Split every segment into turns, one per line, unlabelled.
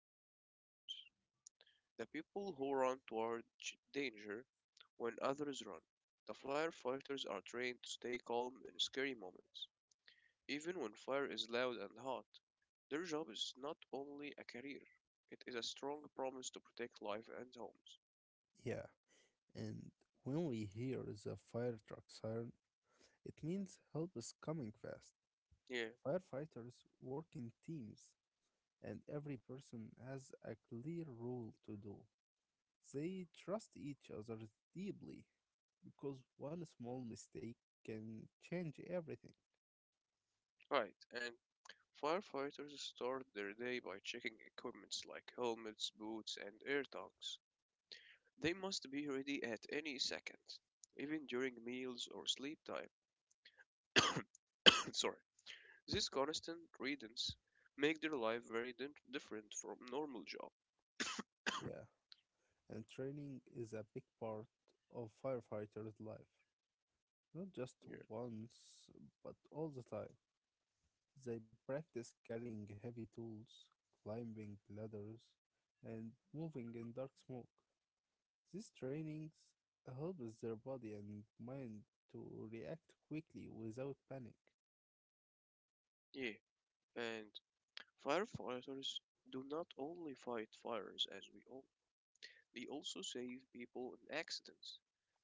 the firefighters, the people who run toward danger when others run. The firefighters are trained to stay calm in scary moments, even when fire is loud and hot. Their job is not only a career, it is a strong promise to protect life and homes.
Yeah, and when we hear the fire truck siren, it means help is coming fast.
Yeah,
Firefighters work in teams, and every person has a clear role to do. They trust each other deeply because one small mistake can change everything.
right, and firefighters start their day by checking equipment like helmets, boots, and air tanks. They must be ready at any second, even during meals or sleep time. Sorry. These constant readings make their life very different from normal job.
Yeah, and training is a big part of firefighters' life, not just
Yeah.
once, but all the time. They practice carrying heavy tools, climbing ladders, and moving in dark smoke. These trainings helps their body and mind to react quickly without panic.
Yeah. And firefighters do not only fight fires as we all. They also save people in accidents.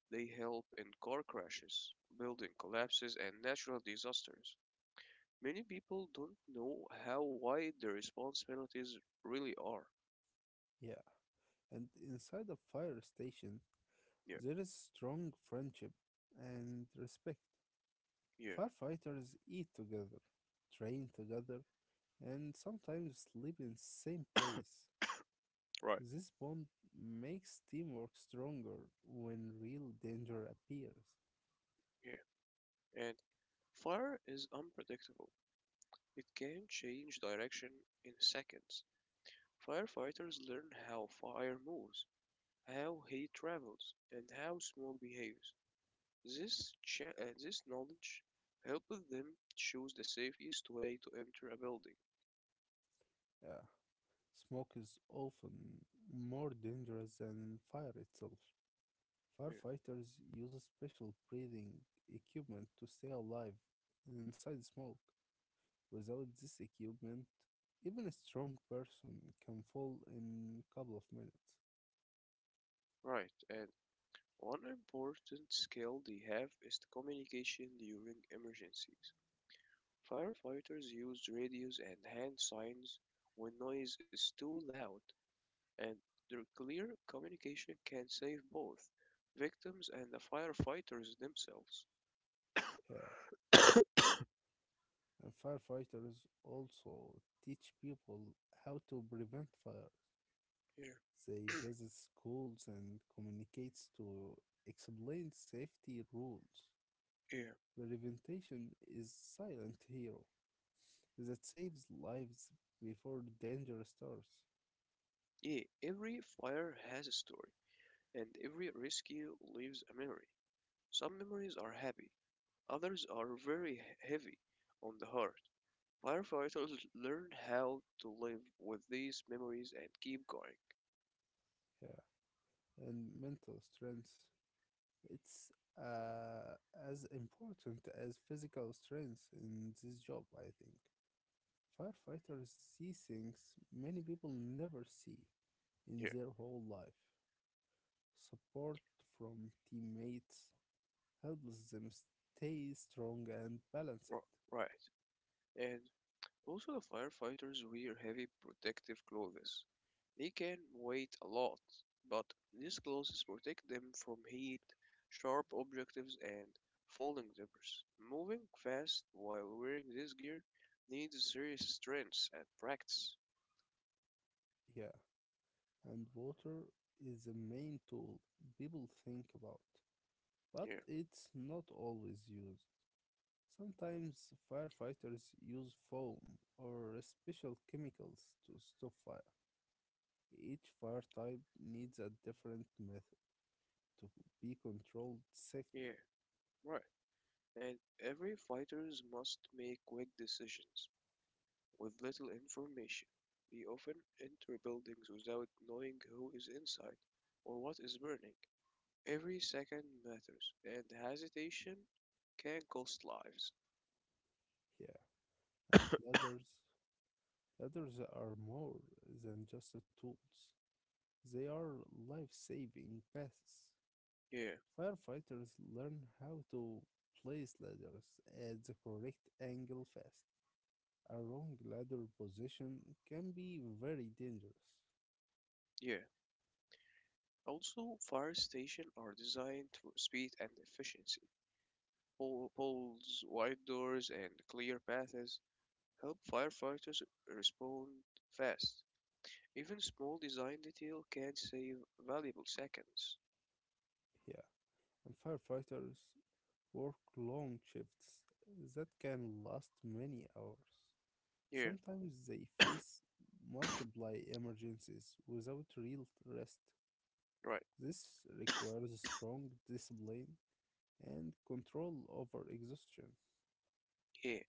They help in car crashes, building collapses, and natural disasters. Many people don't know how wide the responsibilities really are.
Yeah, and inside a fire station,
Yeah,
there is strong friendship and respect.
yeah,
Firefighters eat together, train together, and sometimes sleep in the same place.
right,
This bond makes teamwork stronger when real danger appears.
yeah. And fire is unpredictable. It can change direction in seconds. Firefighters learn how fire moves, how heat travels, and how smoke behaves. This knowledge helps them choose the safest way to enter a building.
Yeah. Smoke is often more dangerous than fire itself.
Yeah,
Firefighters use special breathing equipment to stay alive inside smoke. Without this equipment, even a strong person can fall in a couple of minutes.
right. And one important skill they have is the communication during emergencies. Firefighters use radios and hand signs when noise is too loud, and their clear communication can save both victims and the firefighters themselves.
Yeah. And firefighters also teach people how to prevent fires.
Yeah,
They visit schools and communicates to explain safety rules.
yeah,
Prevention is silent hero that saves lives before danger starts.
yeah. Every fire has a story, and every rescue leaves a memory. Some memories are happy, others are very heavy on the heart. Firefighters learn how to live with these memories and keep going.
Yeah, and mental strength. It's uh, as important as physical strength in this job, I think. Firefighters see things many people never see in
Yeah,
their whole life. Support from teammates, helps them stay strong and balanced.
ri- right. And also, the firefighters wear heavy protective clothes. They can weigh a lot, but these clothes protect them from heat, sharp objectives, and falling debris. Moving fast while wearing this gear needs serious strength and practice.
Yeah, and water is the main tool people think about, but
Yeah,
it's not always used. Sometimes firefighters use foam or special chemicals to stop fire. Each fire type needs a different method to be controlled safely.
yeah, right. And every fighters must make quick decisions. With little information, they often enter buildings without knowing who is inside or what is burning. Every second matters, and hesitation can cost lives.
Yeah, and ladders are more than just tools. They are life-saving passes.
Yeah,
Firefighters learn how to place ladders at the correct angle fast. A wrong ladder position can be very dangerous.
yeah. Also, fire stations are designed for speed and efficiency. Poles, wide doors, and clear paths help firefighters respond fast. Even small design detail can save valuable seconds.
Yeah, and firefighters work long shifts that can last many hours.
Yeah,
Sometimes they face multiple emergencies without real rest.
right.
This requires strong discipline and control over exhaustion.
Yeah,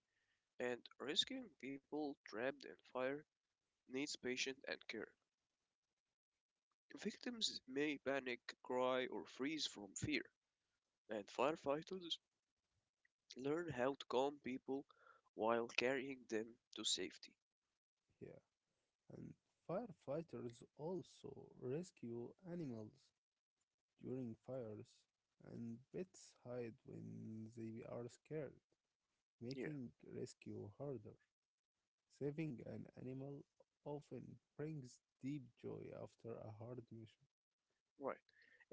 and rescuing people trapped in fire needs patience and care. Victims may panic, cry, or freeze from fear, and firefighters learn how to calm people while carrying them to safety.
Yeah, and firefighters also rescue animals during fires, and pets hide when they are scared,
Yeah,
making rescue harder. Saving an animal often brings deep joy after a hard mission.
right.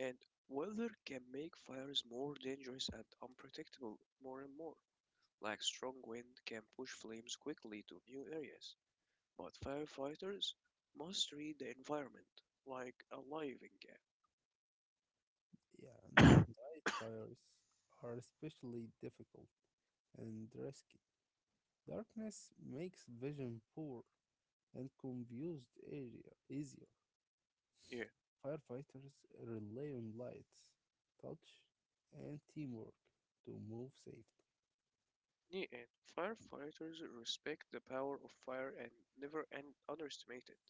And weather can make fires more dangerous and unpredictable more and more. Like strong wind can push flames quickly to new areas, but firefighters must read the environment like a living game.
Yeah, and night fires are especially difficult and risky. Darkness makes vision poor, and confused area easier.
Yeah,
Firefighters rely on lights, touch, and teamwork to move safely.
neon firefighters respect the power of fire and never underestimate it.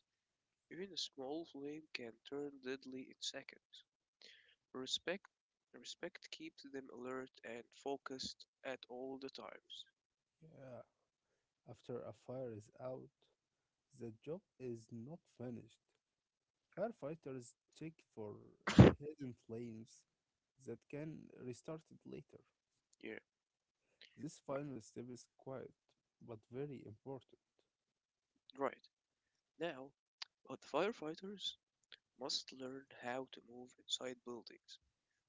Even a small flame can turn deadly in seconds. Respect respect keeps them alert and focused at all the times.
Yeah. After a fire is out, the job is not finished. Firefighters check for hidden flames that can restart it later.
Yeah,
This
right.
final step is quiet but very important.
Right. Now, but firefighters must learn how to move inside buildings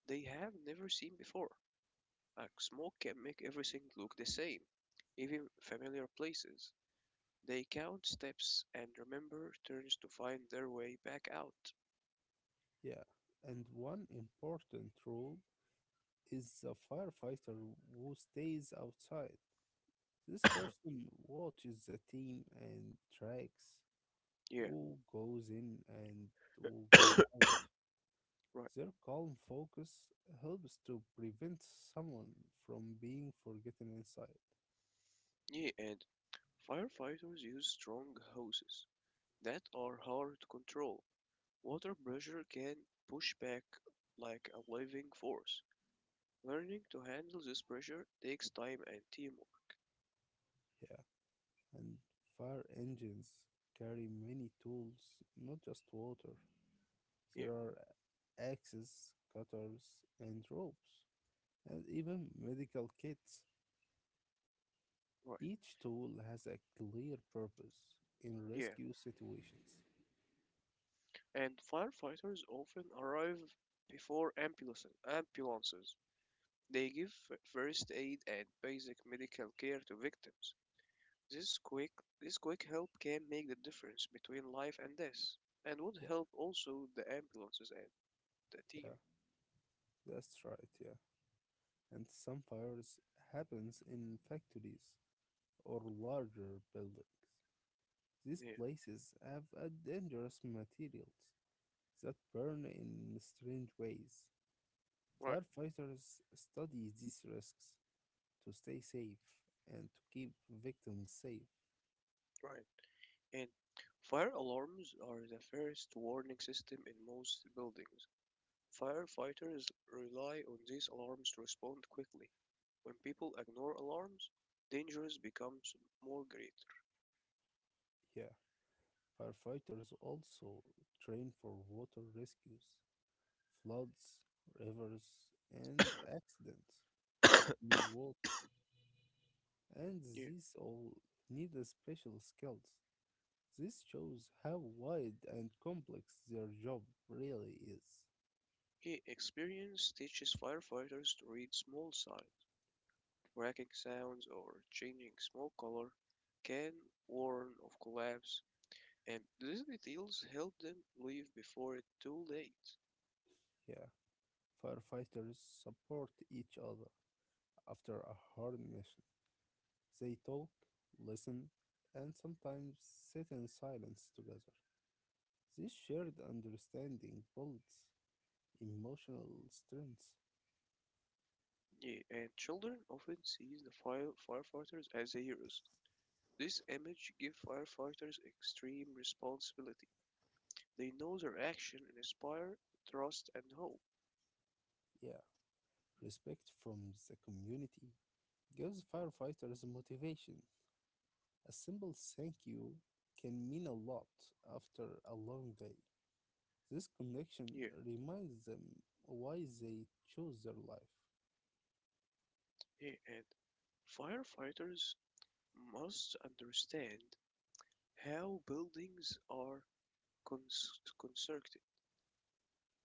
they have never seen before. Like smoke can make everything look the same, even familiar places. They count steps and remember turns to find their way back out.
Yeah, and one important rule is the firefighter who stays outside. This person watches the team and tracks
Yeah.
who goes in and who goes out.
Right.
Their calm focus helps to prevent someone from being forgotten inside.
Yeah, and firefighters use strong hoses that are hard to control. Water pressure can push back like a living force. Learning to handle this pressure takes time and teamwork.
Yeah, and fire engines carry many tools, not just water.
Yeah,
There are axes, cutters, and ropes, and even medical kits.
right.
Each tool has a clear purpose in
Yeah,
rescue situations.
and firefighters often arrive before ambulances. They give first aid and basic medical care to victims. This quick, this quick help can make the difference between life and death, and would
Yeah,
help also the ambulances and the
yeah,
team.
that's right, yeah. And some fires happens in factories or larger buildings. These
Yeah,
places have a dangerous materials that burn in strange ways.
right,
Firefighters study these risks to stay safe and to keep victims safe.
right. And fire alarms are the first warning system in most buildings. Firefighters rely on these alarms to respond quickly. When people ignore alarms, dangers becomes more greater.
Yeah, firefighters also train for water rescues floods, rivers, and accidents with water. And
Yeah.
these all need a special skills. This shows how wide and complex their job really is.
He experience teaches firefighters to read small signs. Cracking sounds or changing smoke color can warn of collapse, and these details help them leave before it's too late.
Yeah, firefighters support each other after a hard mission. They talk, listen, and sometimes sit in silence together. This shared understanding builds emotional strength.
Yeah, and children often see the firefighters as heroes. This image gives firefighters extreme responsibility. They know their action and inspire trust and hope.
Yeah. Respect from the community gives firefighters motivation. A simple thank you can mean a lot after a long day. This connection
Yeah,
reminds them why they chose their life.
yeah, and firefighters must understand how buildings are constructed.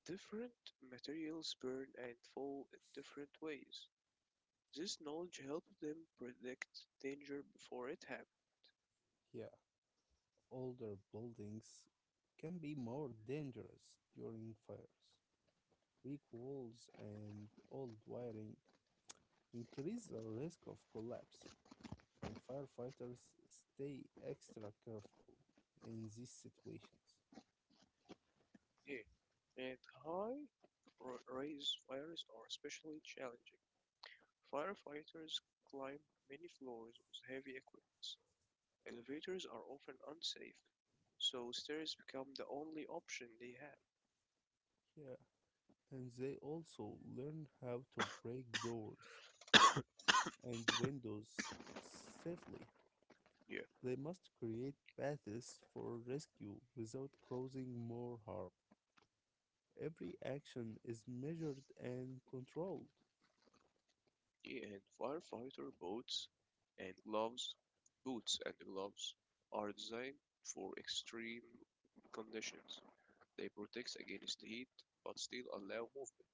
Different materials burn and fall in different ways. This knowledge helped them predict danger before it happened.
Yeah, older buildings can be more dangerous during fires. Weak walls and old wiring increase the risk of collapse, and firefighters stay extra careful in these situations.
Yeah. And high rise fires are especially challenging. Firefighters climb many floors with heavy equipment. Elevators are often unsafe, so stairs become the only option they have.
Yeah, and they also learn how to break doors and windows safely.
Yeah.
They must create paths for rescue without causing more harm. Every action is measured and controlled.
And firefighter and gloves, boots and gloves are designed for extreme conditions. They protect against heat but still allow movement.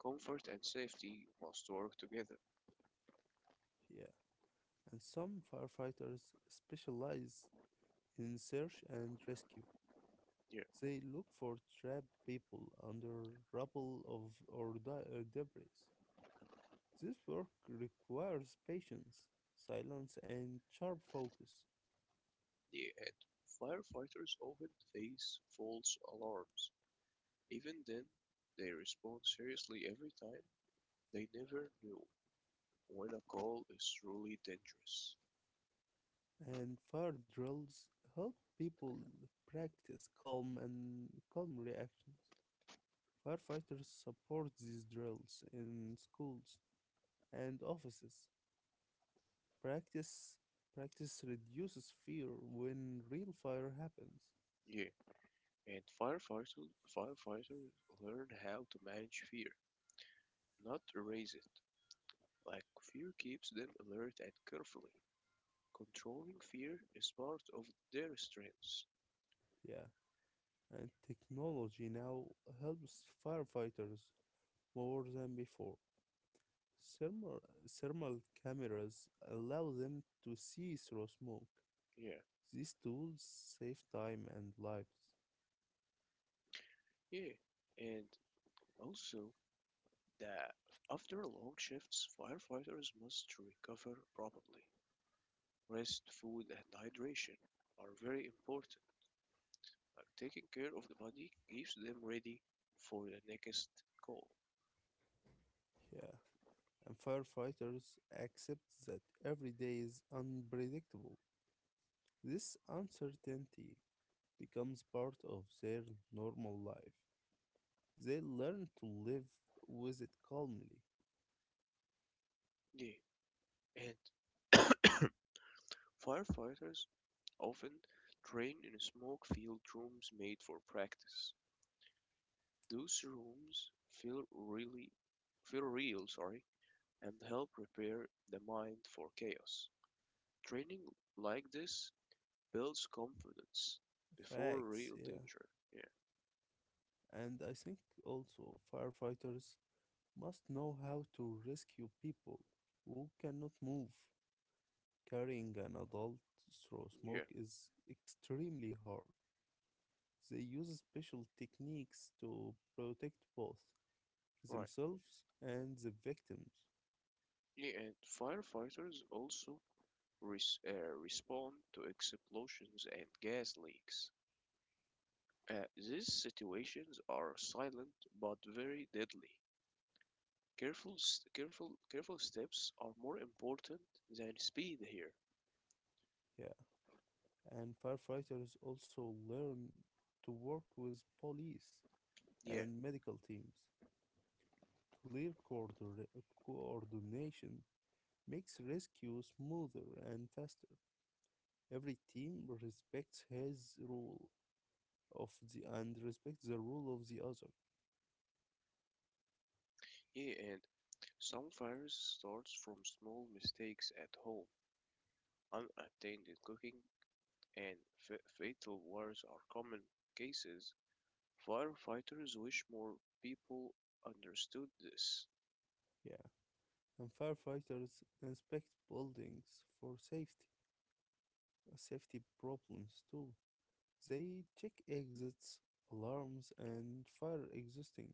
Comfort and safety must work together.
Yeah, and some firefighters specialize in search and rescue.
Near
They look for trapped people under rubble of or debris. This work requires patience, silence, and sharp focus.
the end, firefighters often face false alarms. Even then, they respond seriously every time. They never know when a call is truly dangerous.
And fire drills help people practice calm and calm reactions. Firefighters support these drills in schools and offices. Practice practice reduces fear when real fire happens.
Yeah, and firefighters learn how to manage fear, not erase it. Like fear keeps them alert and carefully. Controlling fear is part of their strengths.
Yeah, and technology now helps firefighters more than before. Thermal, thermal cameras allow them to see through smoke.
Yeah,
These tools save time and lives.
yeah. And also that after long shifts, firefighters must recover properly. Rest, food, and hydration are very important. Like taking care of the body keeps them ready for the next call.
Yeah, and firefighters accept that every day is unpredictable. This uncertainty becomes part of their normal life. They learn to live with it calmly.
Yeah. And firefighters often train in smoke-filled rooms made for practice. Those rooms feel really feel real, sorry, and help prepare the mind for chaos. Training like this builds confidence before
Facts,
real
yeah.
danger. Yeah,
And I think also firefighters must know how to rescue people who cannot move. Carrying an adult through
yeah,
smoke is extremely hard. They use special techniques to protect both
right.
themselves and the victims.
Yeah, and firefighters also respond to explosions and gas leaks. These situations are silent but very deadly. Careful steps are more important than speed here.
Yeah. And firefighters also learn to work with police
Yeah,
and medical teams. Clear coordination makes rescue smoother and faster. Every team respects his rule of the and respects the rule of the other.
yeah, and some fires starts from small mistakes at home. Unattended cooking and fatal wars are common cases. Firefighters wish more people understood this.
Yeah. And firefighters inspect buildings for safety. Safety problems too. They check exits, alarms, and fire existing.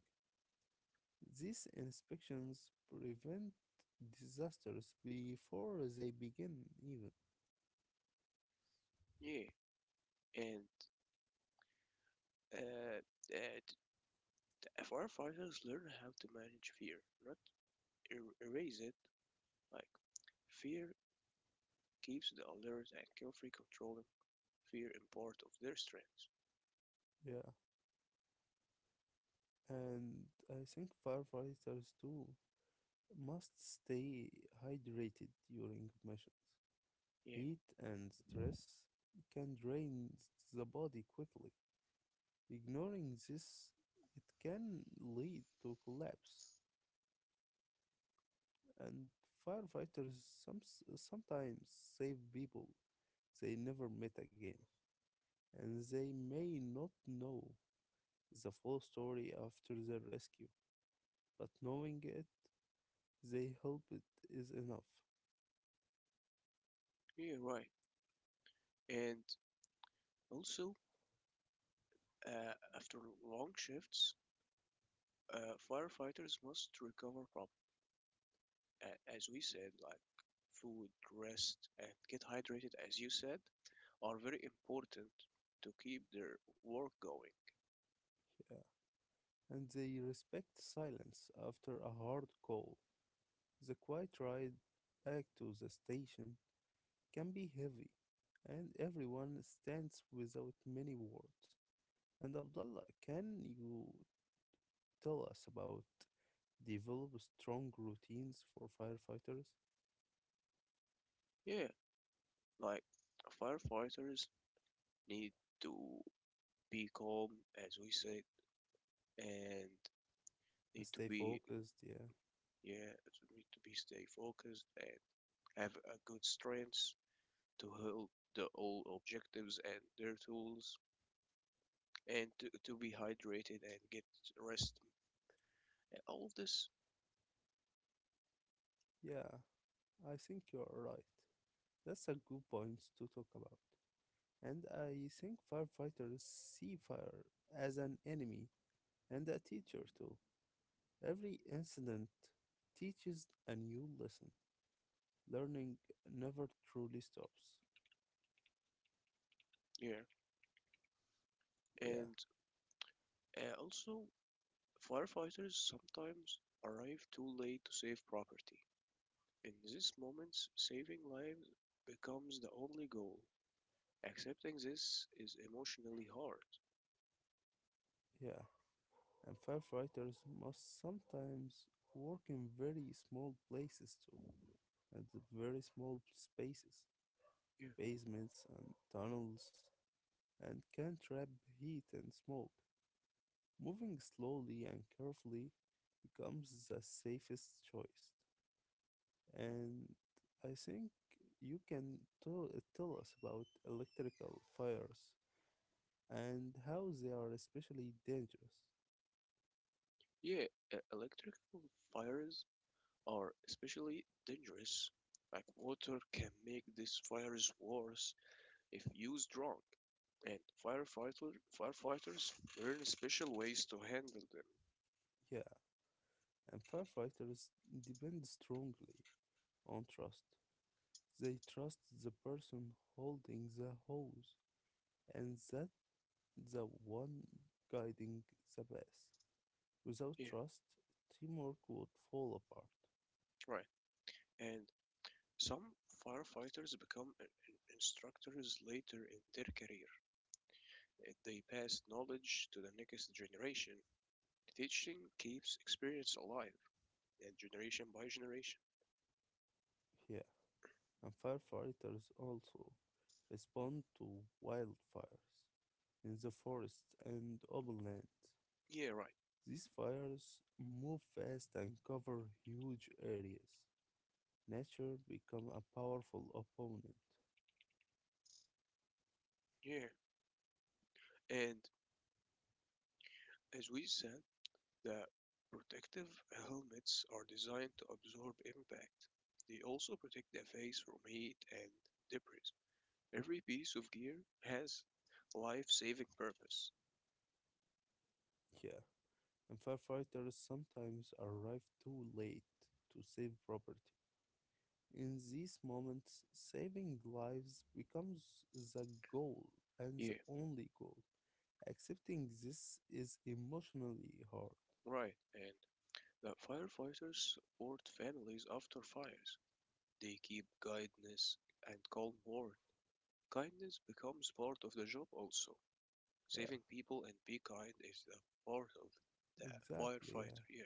These inspections prevent disasters before they begin, even.
Yeah, and uh, uh, t- firefighters learn how to manage fear, not erase it. Like fear keeps the alert and carefully controlling fear and part of their strength.
Yeah, and I think firefighters too must stay hydrated during missions.
Yeah,
Heat and stress can drain the body quickly. Ignoring this, it can lead to collapse, and firefighters some, sometimes save people they never met again, and they may not know the full story after their rescue, but knowing it, they hope it is enough.
yeah, right. And also, after long shifts, firefighters must recover properly. As we said, like food, rest, and get hydrated, as you said, are very important to keep their work going.
Yeah. And they respect silence after a hard call. The quiet ride back to the station can be heavy, and everyone stands without many words. And Abdullah, can you tell us about develop strong routines for firefighters
Yeah, like firefighters need to be calm, as we said, and need
and
to
stay
be
focused? Yeah,
yeah, need to be stay focused and have a good strength to hold the all objectives and their tools and to be hydrated and get rest and all of this.
yeah, I think you're right. That's a good point to talk about. And I think firefighters see fire as an enemy and a teacher too. Every incident teaches a new lesson. Learning never truly stops.
Yeah,
Yeah,
and also firefighters sometimes arrive too late to save property. In these moments saving lives becomes the only goal. Accepting this is emotionally hard.
yeah. And firefighters must sometimes work in very small places too, at the very small spaces,
Yeah,
basements and tunnels, and can trap heat and smoke. Moving slowly and carefully becomes the safest choice. And I think you can tell us about electrical fires. And how they are especially dangerous.
yeah, electrical fires are especially dangerous. Like water can make these fires worse if used wrong, and firefighter firefighters learn special ways to handle them.
Yeah, and firefighters depend strongly on trust. They trust the person holding the hose and that the one guiding the bus. Without
Yeah,
trust, teamwork would fall apart.
right. And some firefighters become instructors later in their career. They pass knowledge to the next generation. Teaching keeps experience alive, and generation by generation.
Yeah, and firefighters also respond to wildfires in the forest and open land.
Yeah, right.
These fires move fast and cover huge areas. Nature become a powerful opponent.
Yeah, and as we said, the protective helmets are designed to absorb impact. They also protect the face from heat and debris. Every piece of gear has life-saving purpose.
Yeah, and firefighters sometimes arrive too late to save property. In these moments, saving lives becomes the goal and
Yeah,
the only goal. Accepting this is emotionally hard.
right. And the firefighters support families after fires. They keep kindness and calm ward. Kindness becomes part of the job also.
Yeah,
Saving people and be kind is the part of the
exactly. Yeah.
firefighter. Yeah,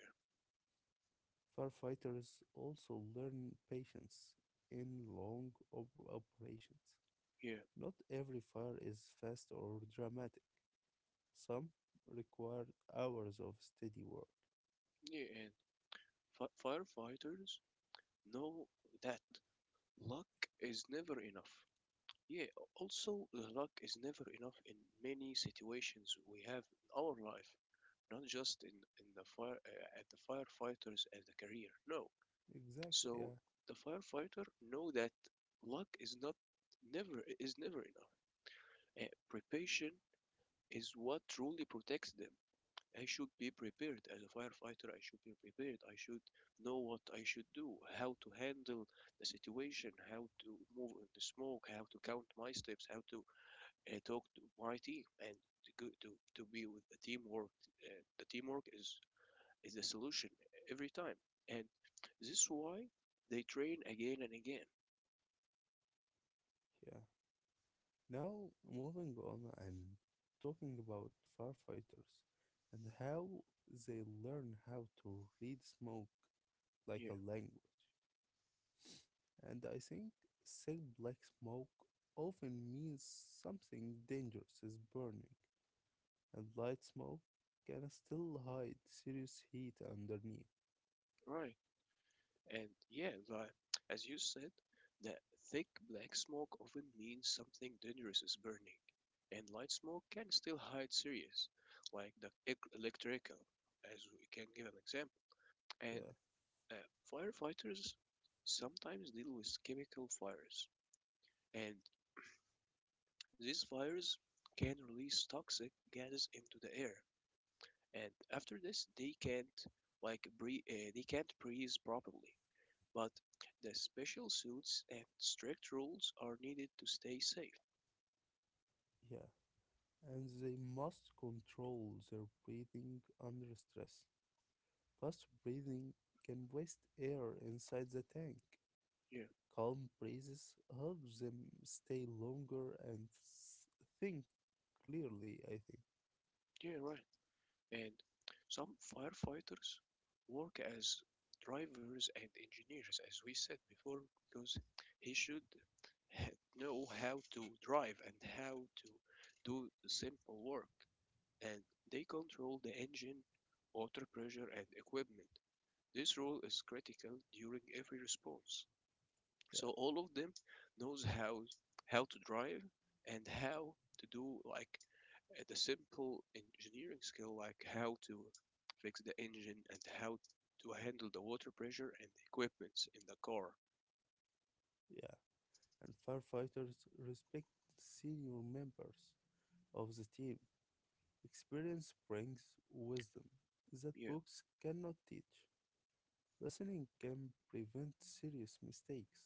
Firefighters also learn patience in long operations.
yeah,
Not every fire is fast or dramatic. Some require hours of steady work.
yeah. And firefighters know that luck is never enough. Yeah, also, the luck is never enough in many situations we have in our life, not just in the fire at the firefighters at the career. No.
Exactly,
So
yeah,
the firefighter know that luck is not never is never enough. Preparation is what truly protects them. I should be prepared as a firefighter. I should be prepared. I should know what I should do, how to handle the situation, how to move in the smoke, how to count my steps, how to talk to my team, and to go, to to be with the teamwork. Uh, the teamwork is is the solution every time, and this is why they train again and again.
yeah. Now, moving on and talking about firefighters and how they learn how to read smoke like a
Yeah,
language. And I think thick black smoke often means something dangerous is burning, and light smoke can still hide serious heat underneath.
right. And yeah, like as you said, the thick black smoke often means something dangerous is burning, and light smoke can still hide serious, like the electrical, as we can give an example. And
Yeah,
firefighters sometimes deal with chemical fires, and these fires can release toxic gases into the air, and after this they can't like they can't breathe properly but the special suits and strict rules are needed to stay safe.
yeah. And they must control their breathing under stress. Fast breathing can waste air inside the tank.
Yeah,
Calm breezes help them stay longer and think clearly, I think.
yeah, right. And some firefighters work as drivers and engineers, as we said before, because he should know how to drive and how to do simple work. And they control the engine, water pressure, and equipment. This role is critical during every response.
Yeah,
So all of them knows how to drive and how to do like the simple engineering skill, like how to fix the engine and how to handle the water pressure and the equipments in the car.
yeah. And firefighters respect senior members of the team. Experience brings wisdom that
Yeah,
books cannot teach. Listening can prevent serious mistakes.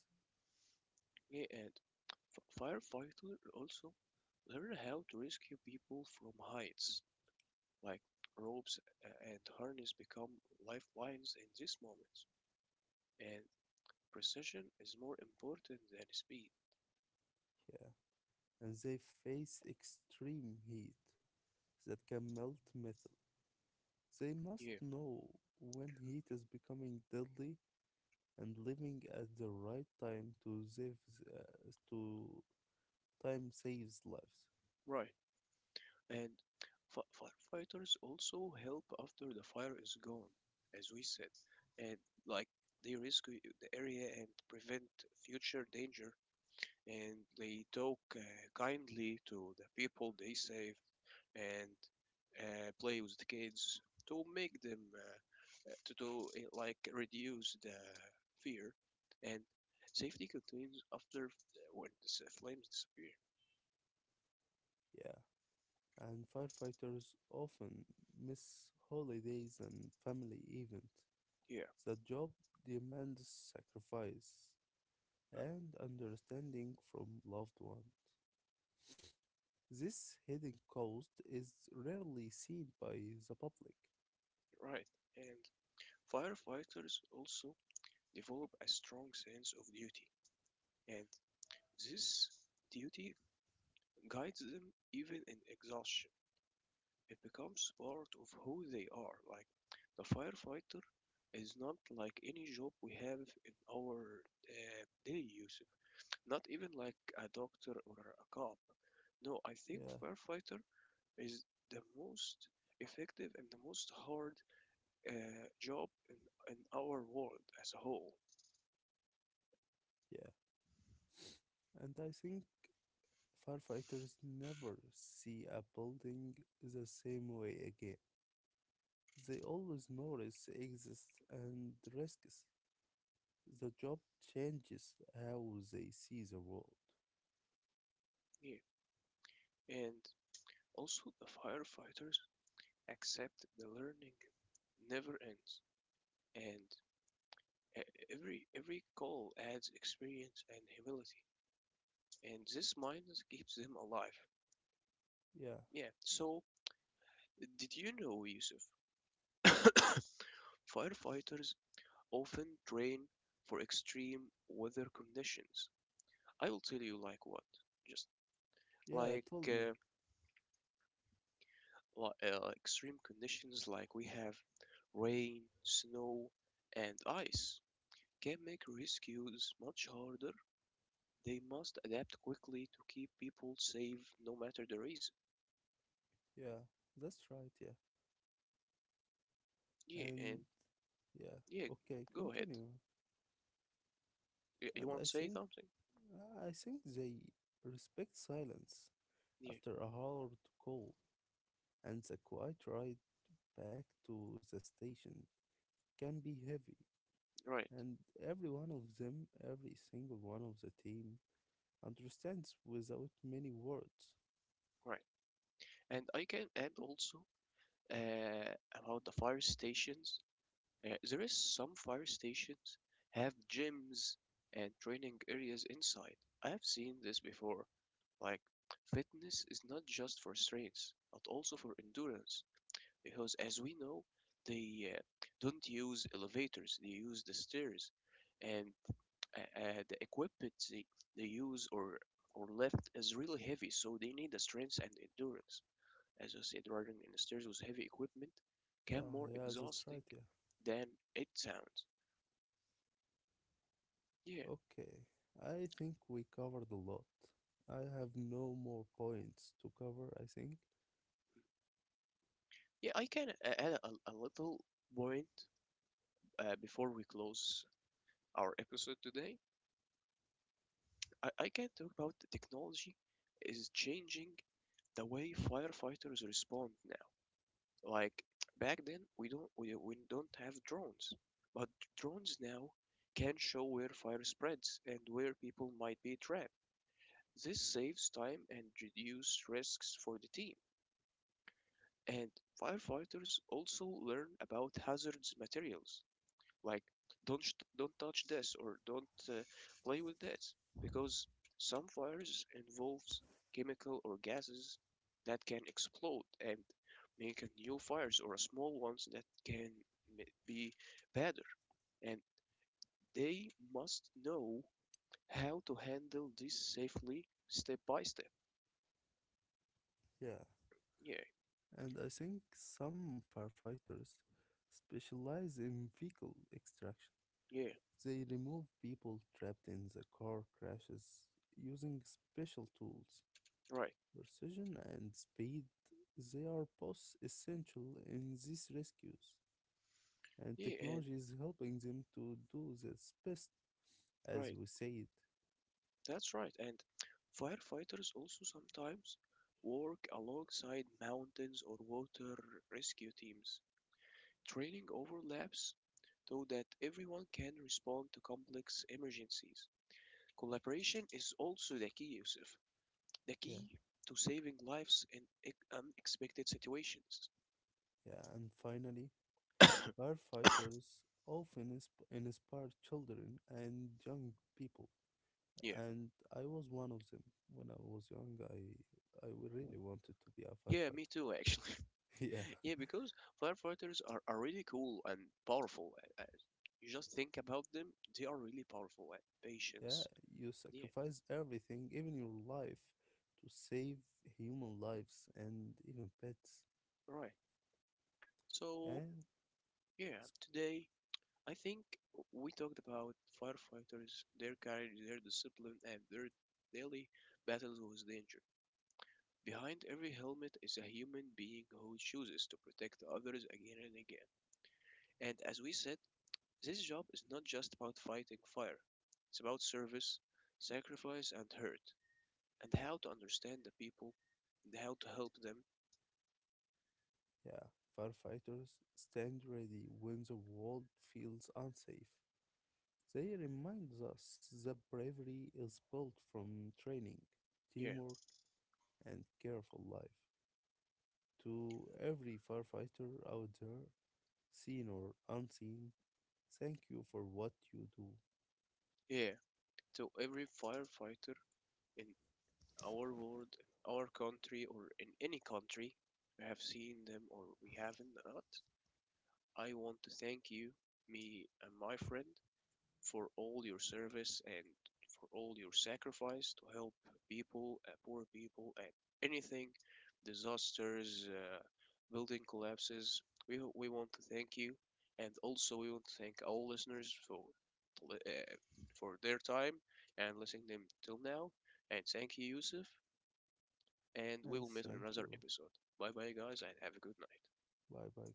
yeah, and firefighter also learn how to rescue people from heights, like ropes and harness become lifelines in these moments. And precision is more important than speed.
Yeah, and they face extreme heat that can melt metal. They must
Yeah,
know when heat is becoming deadly and living at the right time to save to time saves lives.
right. And fi- firefighters also help after the fire is gone, as we said, and like they rescue the area and prevent future danger. And they talk kindly to the people they saved and play with the kids to make them to do like reduce the fear. And safety continues after when the flames disappear.
Yeah. And firefighters often miss holidays and family events.
Yeah,
The job demands sacrifice and understanding from loved ones. This hidden cost is rarely seen by the public.
right. And firefighters also develop a strong sense of duty, and this duty guides them even in exhaustion. It becomes part of who they are. Like the firefighter is not like any job we have in our day use, not even like a doctor or a cop. No, I think
Yeah,
firefighter is the most effective and the most hard uh, job in our world as a whole.
yeah. And I think firefighters never see a building the same way again. They always notice exists and risks. The job changes how they see the world.
Yeah. And also, the firefighters accept the learning never ends, and e- every call adds experience and humility, and this mindset keeps them alive.
Yeah,
Yeah. So, did you know, Yusuf? Firefighters often train for extreme weather conditions. I will tell you like what, just
yeah,
like
told me.
uh, li- uh, extreme conditions like we have rain, snow, and ice can make rescues much harder. They must adapt quickly to keep people safe no matter the reason.
Yeah, that's right. Yeah,
Yeah, and
and yeah,
yeah,
okay,
go ahead.
continue.
You
And
want to say something?
I think they respect silence
Yeah,
after a hard call, and the quiet ride back to the station can be heavy.
right,
And every one of them, every single one of the team, understands without many words.
right. And I can add also uh, about the fire stations. There is some fire stations have gyms and training areas inside. I have seen this before. Like fitness is not just for strength, but also for endurance, because as we know they don't use elevators, they use the stairs. And the they use or lift is really heavy, so they need the strength and endurance. As I said, riding in the stairs with heavy equipment can
Yeah,
more
yeah, that's
exhausting
right. Yeah.
than it sounds. Yeah,
Okay, I think we covered a lot. I have no more points to cover, I think.
yeah, I can add a little point before we close our episode today. I can talk about the technology is changing the way firefighters respond now. Like back then, we don't have drones, but drones now can show where fire spreads and where people might be trapped. This saves time and reduces risks for the team. And firefighters also learn about hazardous materials, like don't touch this or don't play with that, because some fires involves chemical or gases that can explode and make a new fires or small ones that can be better. And they must know how to handle this safely step by step.
Yeah,
Yeah,
and I think some firefighters specialize in vehicle extraction.
yeah,
They remove people trapped in the car crashes using special tools.
right,
Precision and speed, they are both essential in these rescues, and
yeah, and
technology is helping them to do their best, as
right.
we said.
That's right. And firefighters also sometimes work alongside mountains or water rescue teams. Training overlaps so that everyone can respond to complex emergencies. Collaboration is also the key, Yusuf. The
Yeah.
key to saving lives in unexpected situations.
Yeah, and finally, firefighters often inspire children and young people,
Yeah.
and I was one of them. When I was young, I really wanted to be a
Yeah,
firefighter.
me too, actually.
Yeah,
Yeah, because firefighters are really cool and powerful. Uh, uh, You just think about them, they are really powerful at
yeah,
patience.
you
Yeah,
sacrifice everything, even your life, to save human lives and even pets.
right. So,
And
yeah,
s-
today I think we talked about firefighters, their courage, their discipline, and their daily battles with danger. Behind every helmet is a human being who chooses to protect others again and again. And as we said, this job is not just about fighting fire, it's about service, sacrifice, and hurt, and how to understand the people and how to help them.
yeah, firefighters stand ready when the world feels unsafe. They remind us that bravery is built from training,
Yeah,
teamwork, and careful life. To every firefighter out there, seen or unseen, thank you for what you do,
yeah. To every firefighter in our world, in our country, or in any country, we have seen them or we haven't not. I want to thank you, me and my friend, for all your service and for all your sacrifice to help people, poor people, and anything, disasters, building collapses. We want to thank you, and also we want to thank all listeners uh, for their time and listening to them till now. And thank you, Yusuf. And we
and
will meet on
thank
another
you.
episode. Bye bye, guys, and have a good night.
Bye bye.